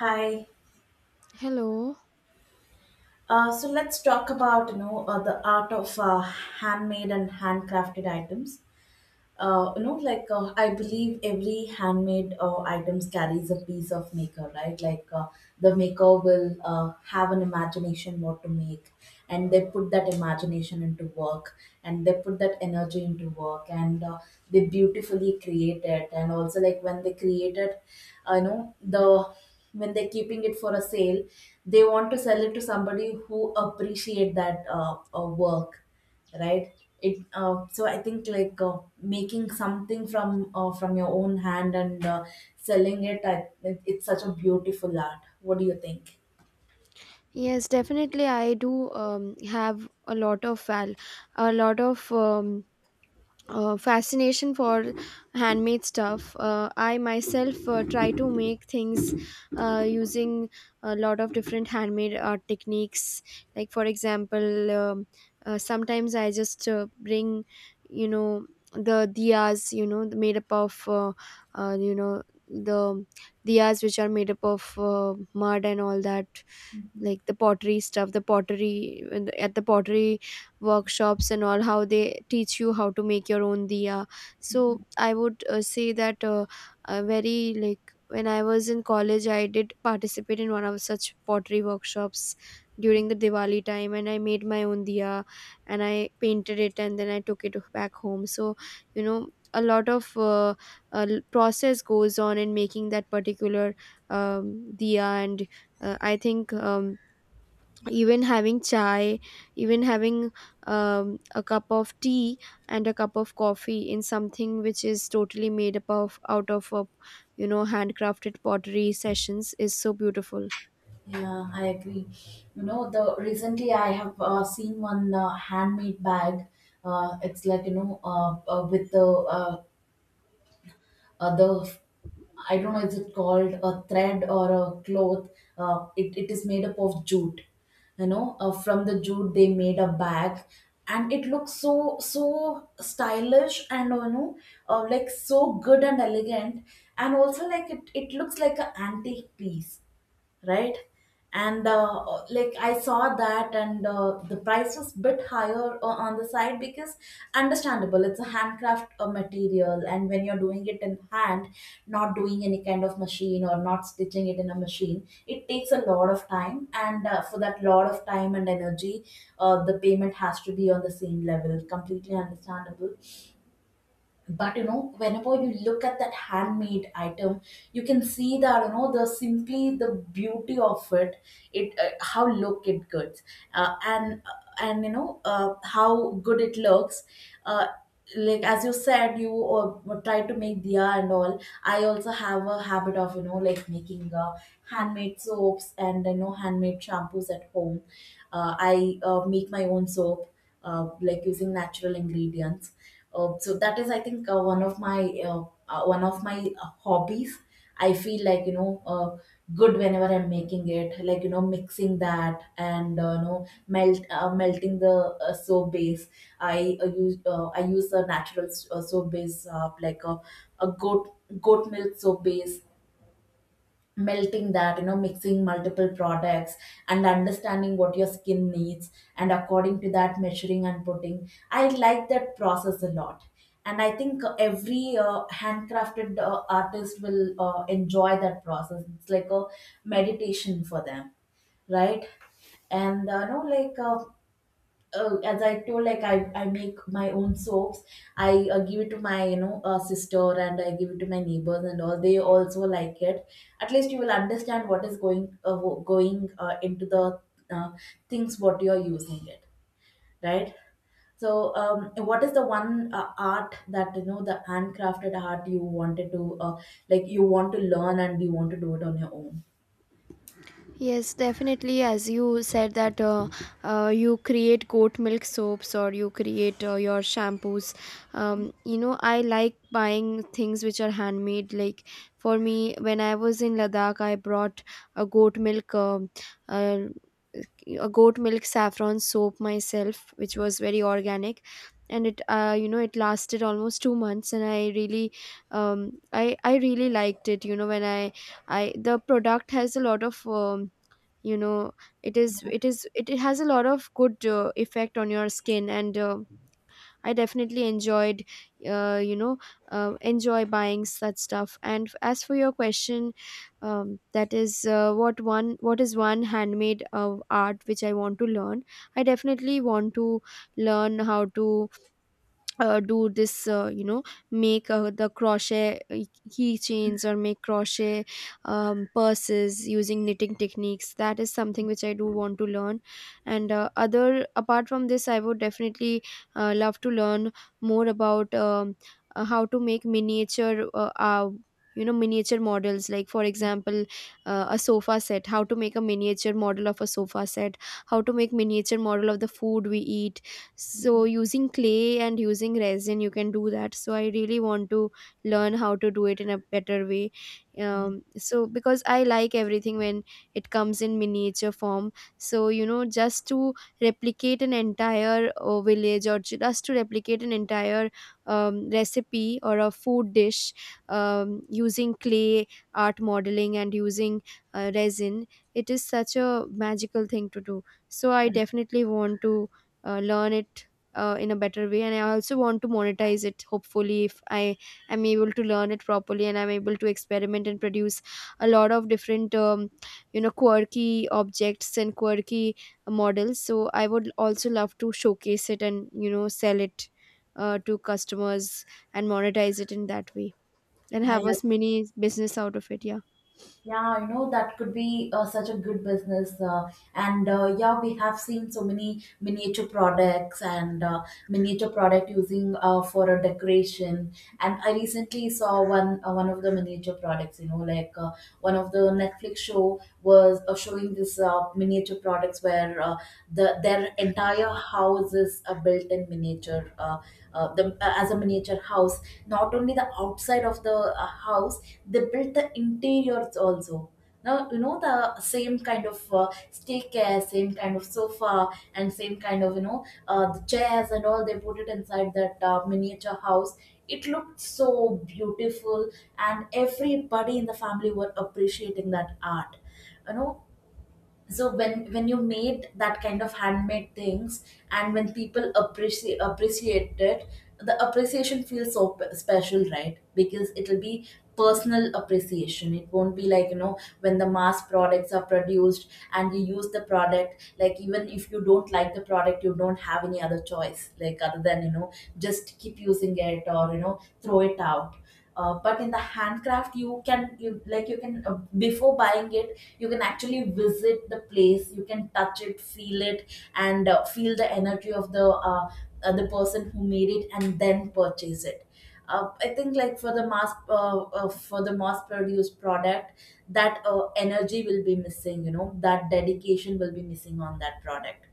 Hi. Hello. So let's talk about the art of handmade and handcrafted items. Like I believe every handmade items carries a piece of maker, right? Like the maker will have an imagination what to make, and they put that imagination into work, and they put that energy into work, and they beautifully create it. And also, like when they create it, I know the when they're keeping it for a sale, they want to sell it to somebody who appreciate that work, right? It uh, so I think, like, making something from your own hand and selling it, it's such a beautiful art. What do you think? Yes, definitely. I do have a lot of a lot of fascination for handmade stuff. I myself try to make things using a lot of different handmade art techniques. Like for example, sometimes I just bring, you know, the diyas, you know, made up of, you know, the diyas which are made up of mud and all that, like the pottery stuff, the pottery, and at the pottery workshops and all, how they teach you how to make your own diya. So I would say that very, like, when I was in college, I did participate in one of such pottery workshops during the Diwali time, and I made my own diya and I painted it and then I took it back home. So, you know, a lot of process goes on in making that particular um, diya. And I think, even having chai, even having a cup of tea and a cup of coffee in something which is totally made up of, out of a, you know, handcrafted pottery sessions is so beautiful. Yeah, I agree. You know the Recently I have seen one handmade bag. It's like, with the uh, uh, the I don't know, is it called a thread or a cloth? It is made up of jute. From the jute they made a bag, and it looks so, so stylish, and like, so good and elegant, and also, like, it looks like an antique piece, right? And like, I saw that, and the price was bit higher on the side, because, understandable, it's a handcraft material, and when you're doing it in hand, not doing any kind of machine or not stitching it in a machine, it takes a lot of time, and for that lot of time and energy, the payment has to be on the same level. Completely understandable. But whenever you look at that handmade item, you can see that the simply the beauty of it. How look it gets, and you know how good it looks. uh, like, as you said, you try to make diya and all. I also have a habit of like making handmade soaps and handmade shampoos at home. I make my own soap, like, using natural ingredients. So that is, I think, one of my hobbies. I feel like good whenever I'm making it, like, mixing that and melting the soap base. I use I use a natural soap base, like a goat milk soap base, melting that, mixing multiple products and understanding what your skin needs, and according to that, measuring and putting. I like that process a lot, and I think every handcrafted artist will enjoy that process. It's like a meditation for them, right? And no, like, as I told, like, I make my own soaps. I give it to my sister, and I give it to my neighbors and all. They also like it. At least you will understand what is going into the uh, things what you are using, it, right? So, what is the one art that the handcrafted art you wanted to like, you want to learn and you want to do it on your own? Yes, definitely. As you said that, you create goat milk soaps or you create your shampoos. You know, I like buying things which are handmade. Like, for me, when I was in Ladakh, I brought a goat milk. Uh, a goat milk saffron soap myself, which was very organic, and it, you know, it lasted almost 2 months, and I really um I I really liked it. You know, when I the product has a lot of, you know, it has a lot of good effect on your skin. And I definitely enjoyed, uh, you know enjoy buying such stuff. And as for your question, that is what is one handmade art which I want to learn. I definitely want to learn how to do this you know, make the crochet keychains, or make crochet, purses using knitting techniques. That is something which I do want to learn. And other apart from this, I would definitely love to learn more about, how to make miniature you know, miniature models. Like for example, a sofa set, how to make a miniature model of a sofa set, how to make miniature model of the food we eat. So Mhm. using clay and using resin, you can do that, so I really want to learn how to do it in a better way. Um, so because I like everything when it comes in miniature form. So, you know, just to replicate an entire village, or just to replicate an entire, recipe or a food dish, using clay, art modeling, and using resin, it is such a magical thing to do. So I definitely want to learn it in a better way. And I also want to monetize it, hopefully, if I am able to learn it properly and I'm able to experiment and produce a lot of different, you know, quirky objects and quirky models. So I would also love to showcase it and, you know, sell it to customers and monetize it in that way and have I a mini business out of it. Yeah. Yeah, that could be such a good business, and yeah, we have seen so many miniature products and miniature product using for a decoration. And I recently saw one one of the miniature products. One of the Netflix show was showing this miniature products where their entire house is built in miniature, as a miniature house. Not only the outside of the house, they built the interiors also. Now, the same kind of staircase, same kind of sofa, and same kind of, the chairs and all, they put it inside that miniature house. It looked so beautiful, and everybody in the family were appreciating that art, you know so when you made that kind of handmade things, and when people appreciate it, the appreciation feels so special, right? Because it'll be personal appreciation. It won't be like, when the mass products are produced and you use the product, like, even if you don't like the product, you don't have any other choice, like, other than, just keep using it or throw it out. But in the handcraft, you can, you like, you can, before buying it, you can actually visit the place, you can touch it, feel it, and feel the energy of the person who made it and then purchase it. I think, like, for the mass produced product, that energy will be missing, that dedication will be missing on that product.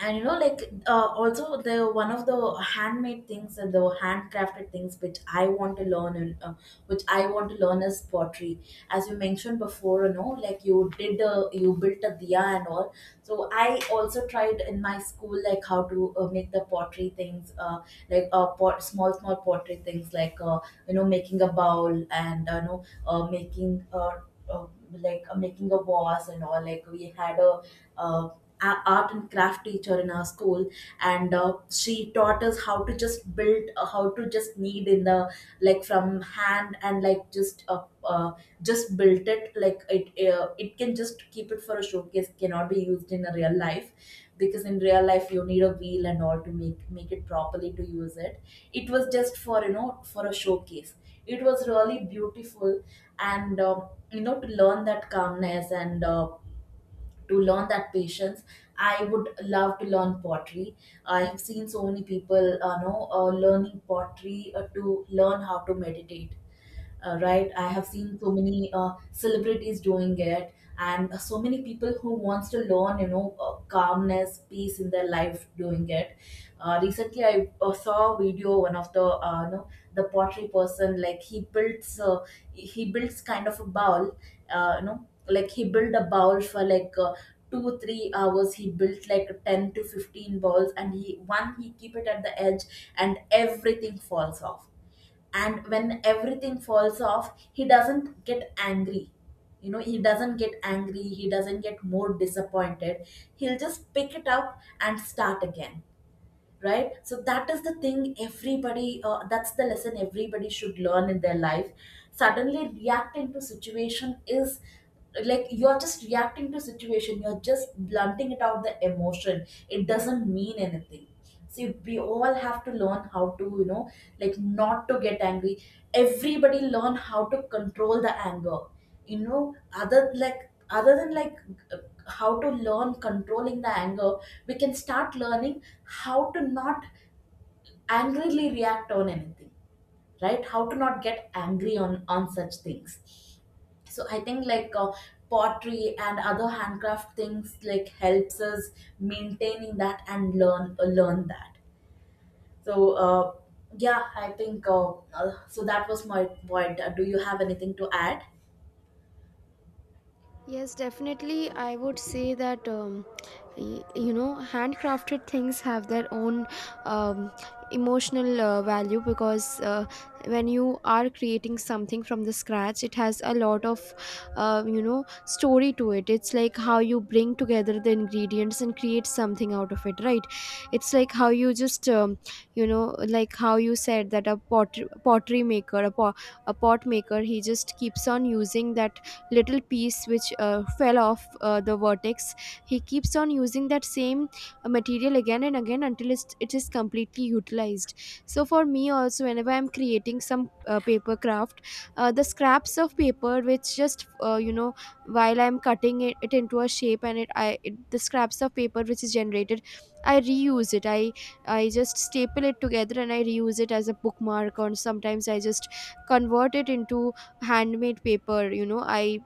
And also, the one of the handmade things and the handcrafted things which I want to learn and which I want to learn is pottery. As you mentioned before, you did you built a diya and all. So I also tried in my school, like, how to make the pottery things, like pot, small, small pottery things, like making a bowl and making uh, like making a vase and all. Like, we had a uh, art and craft teacher in our school, and she taught us how to just build how to just knead in the, like, from hand, and like, just built it. Like, it it can just keep it for a showcase, cannot be used in a real life, because in real life you need a wheel and all to make it properly to use it. It was just for, for a showcase. It was really beautiful. And to learn that calmness and to learn that patience, I would love to learn pottery. I have seen so many people know learning pottery to learn how to meditate, right? I have seen so many celebrities doing it, and so many people who wants to learn, calmness, peace in their life doing it. Recently I saw a video, one of the uh, you know the pottery person, like, he builds kind of a bowl. He built a bowl for like 2-3 hours. He built like 10 to 15 balls, and he keep it at the edge, and everything falls off. And when everything falls off, he doesn't get angry. He doesn't get angry, he doesn't get more disappointed, he'll just pick it up and start again, right? So that is the thing everybody, that's the lesson everybody should learn in their life. Suddenly reacting to situation is, like, you're just reacting to situation, you're just blunting it out, the emotion, it doesn't mean anything. See, we all have to learn how to, like, not to get angry. Everybody learn how to control the anger. Other, like, other than, like, how to learn controlling the anger, we can start learning how to not angrily react on anything, right? How to not get angry on such things. So I think, like, pottery and other handcraft things, like, helps us maintaining that and learn learn that. So yeah I think so that was my point. Do you have anything to add? Yes, definitely. I would say that, you know, handcrafted things have their own, um, emotional value, because when you are creating something from the scratch, it has a lot of you know, story to it. It's like how you bring together the ingredients and create something out of it, right? It's like how you just, you know, like how you said that a pottery maker, a pot maker, he just keeps on using that little piece which fell off the vertex. He keeps on using that same material again and again until it is completely utilized. So for me also, whenever I'm creating some paper craft, the scraps of paper which just, you know, while I'm cutting it into a shape, and the scraps of paper which is generated, I reuse it. I just staple it together and I reuse it as a bookmark, or sometimes I just convert it into handmade paper, you know.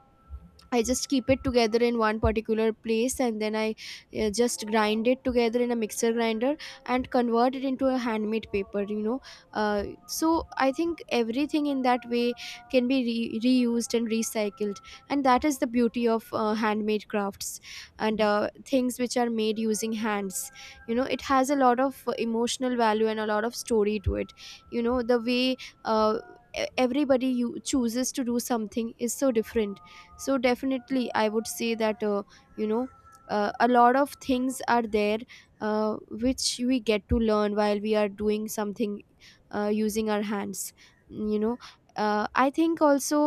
I just keep it together in one particular place and then I just grind it together in a mixer grinder and convert it into a handmade paper, you know. So I think everything in that way can be reused and recycled, and that is the beauty of handmade crafts and things which are made using hands. You know, it has a lot of emotional value and a lot of story to it. You know, the way, uh, e- everybody you chooses to do something is so different. So definitely I would say that, you know, a lot of things are there uh, which we get to learn while we are doing something using our hands, you know. I think also,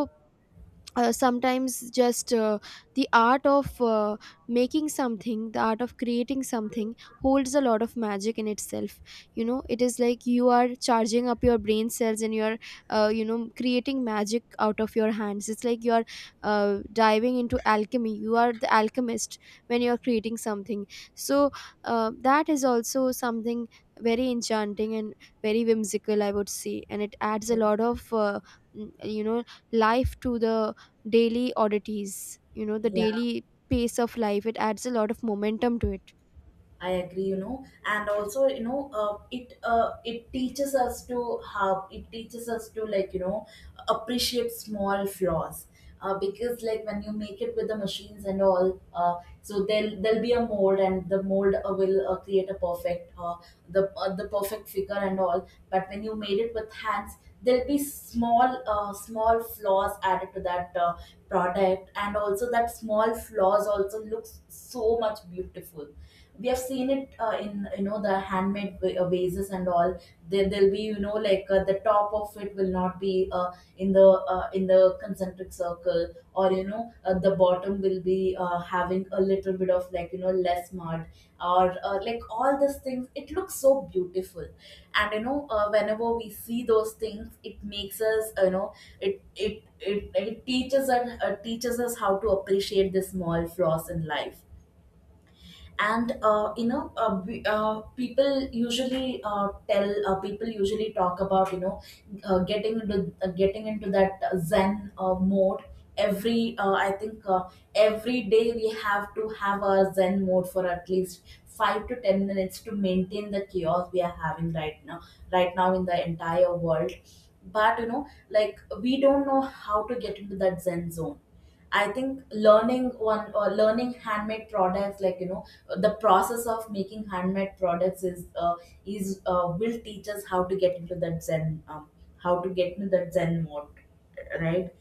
sometimes just the art of making something, the art of creating something holds a lot of magic in itself. You know, it is like you are charging up your brain cells and you are, you know, creating magic out of your hands. It's like you are diving into alchemy. You are the alchemist when you are creating something. So that is also something very enchanting and very whimsical, I would say. And it adds a lot of you know, life to the daily oddities, you know, the Yeah, daily pace of life. It adds a lot of momentum to it. I agree, and also, it teaches us to have, it teaches us to, like, appreciate small flaws, because, like, when you make it with the machines and all, so there'll, there'll be a mold, and the mold will create a perfect the perfect figure and all. But when you made it with hands, there'll be small small flaws added to that product, and also that small flaws also looks so much beautiful. We have seen it in, the handmade vases and all. There, there'll be, the top of it will not be in the in the concentric circle, or the bottom will be having a little bit of, like, less mud, or like, all these things, it looks so beautiful. And whenever we see those things, it makes us, it teaches us how to appreciate the small flaws in life. And people usually tell, people usually talk about, getting into that zen mode. Every I think Every day we have to have a zen mode for at least 5 to 10 minutes to maintain the chaos we are having right now, right now in the entire world. But we don't know how to get into that zen zone. I think learning one, or learning handmade products, like, the process of making handmade products is will teach us how to get into that zen, how to get into that zen mode, right?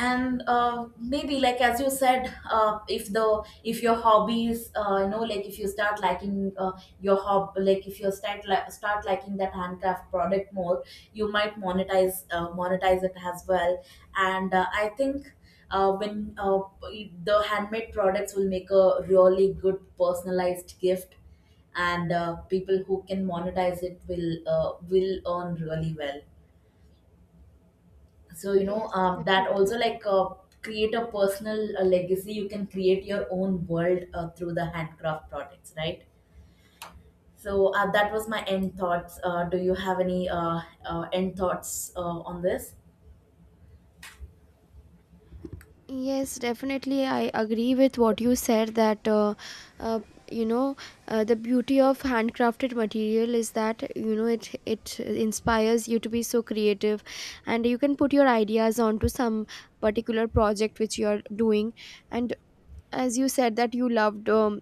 And maybe, like, as you said, if the, if your hobbies, if you start liking your hob like, if you start start liking that handcraft product more, you might monetize monetize it as well. And I think uh, when uh, the handmade products will make a really good personalized gift, and people who can monetize it will earn really well. So Yes, that also, definitely. like, create a personal legacy. You can create your own world through the handcraft products, right? So that was my end thoughts. Do you have any end thoughts on this? Yes, definitely. I agree with what you said, that, uh, you know, the beauty of handcrafted material is that, you know, it inspires you to be so creative, and you can put your ideas onto some particular project which you are doing. And as you said that you loved,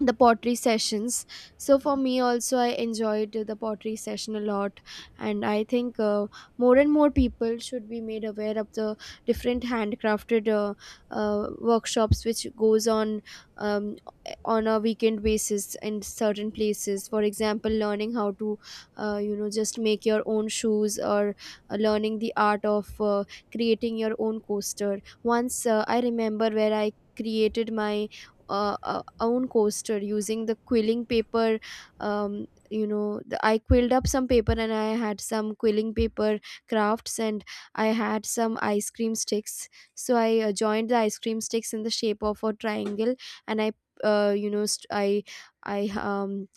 the pottery sessions. So for me also, I enjoyed the pottery session a lot. And I think, more and more people should be made aware of the different handcrafted workshops which goes on, um, on a weekend basis in certain places. For example, learning how to you know, just make your own shoes, or learning the art of creating your own coaster. Once, I remember where I created my own coaster using the quilling paper. Um, you know, I quilled up some paper and I had some quilling paper crafts, and I had some ice cream sticks. So I joined the ice cream sticks in the shape of a triangle, and I, you know, i um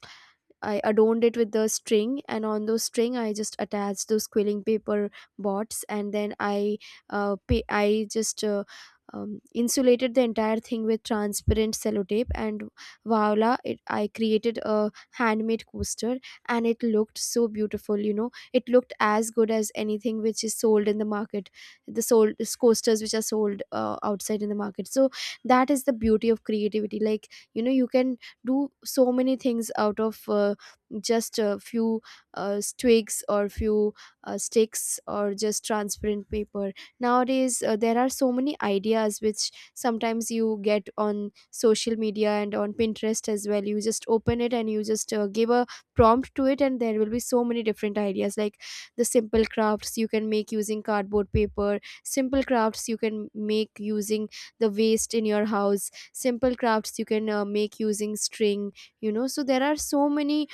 I adorned it with the string, and on those string, I just attached those quilling paper bots. And then I, I just insulated the entire thing with transparent sellotape, and voila! I created a handmade coaster, and it looked so beautiful. You know, it looked as good as anything which is sold in the market, the sold coasters which are sold outside in the market. So that is the beauty of creativity. Like, you know, you can do so many things out of, just a few twigs, or few sticks, or just transparent paper. Nowadays, there are so many ideas which sometimes you get on social media and on Pinterest as well. You just open it and you just give a prompt to it, and there will be so many different ideas, like the simple crafts you can make using cardboard paper, simple crafts you can make using the waste in your house, simple crafts you can make using string. You know, so there are so many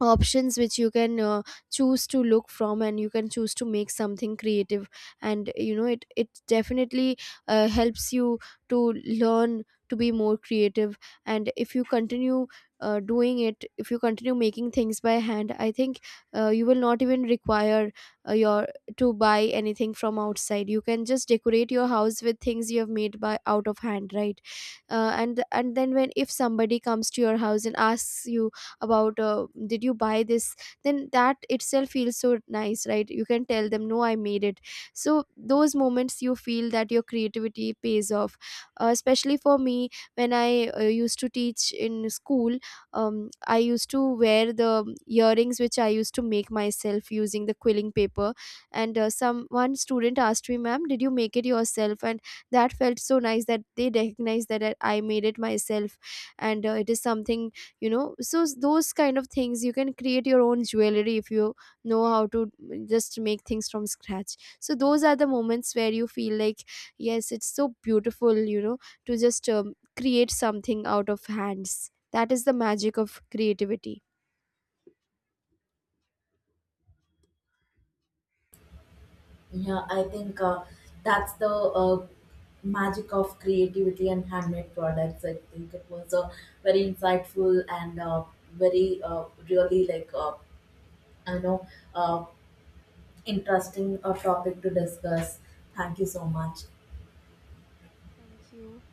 options which you can choose to look from, and you can choose to make something creative. And you know, it definitely helps you to learn to be more creative. And if you continue doing it, if you continue making things by hand, I think you will not even require your to buy anything from outside. You can just decorate your house with things you have made by out of hand, right? And then, when, if somebody comes to your house and asks you about, did you buy this, then that itself feels so nice, right? You can tell them, no, I made it. So those moments, you feel that your creativity pays off. Uh, especially for me, when I used to teach in school, I used to wear the earrings which I used to make myself using the quilling paper. And some one student asked me, ma'am, did you make it yourself? And that felt so nice that they recognized that I made it myself. And it is something, you know. So those kind of things, you can create your own jewelry if you know how to just make things from scratch. So those are the moments where you feel like, yes, it's so beautiful, you know, to just, create something out of hands. That is the magic of creativity. Yeah, I think that's the magic of creativity and handmade products. I think it was a very insightful and very really like I know uh, interesting topic to discuss. Thank you so much. Thank you.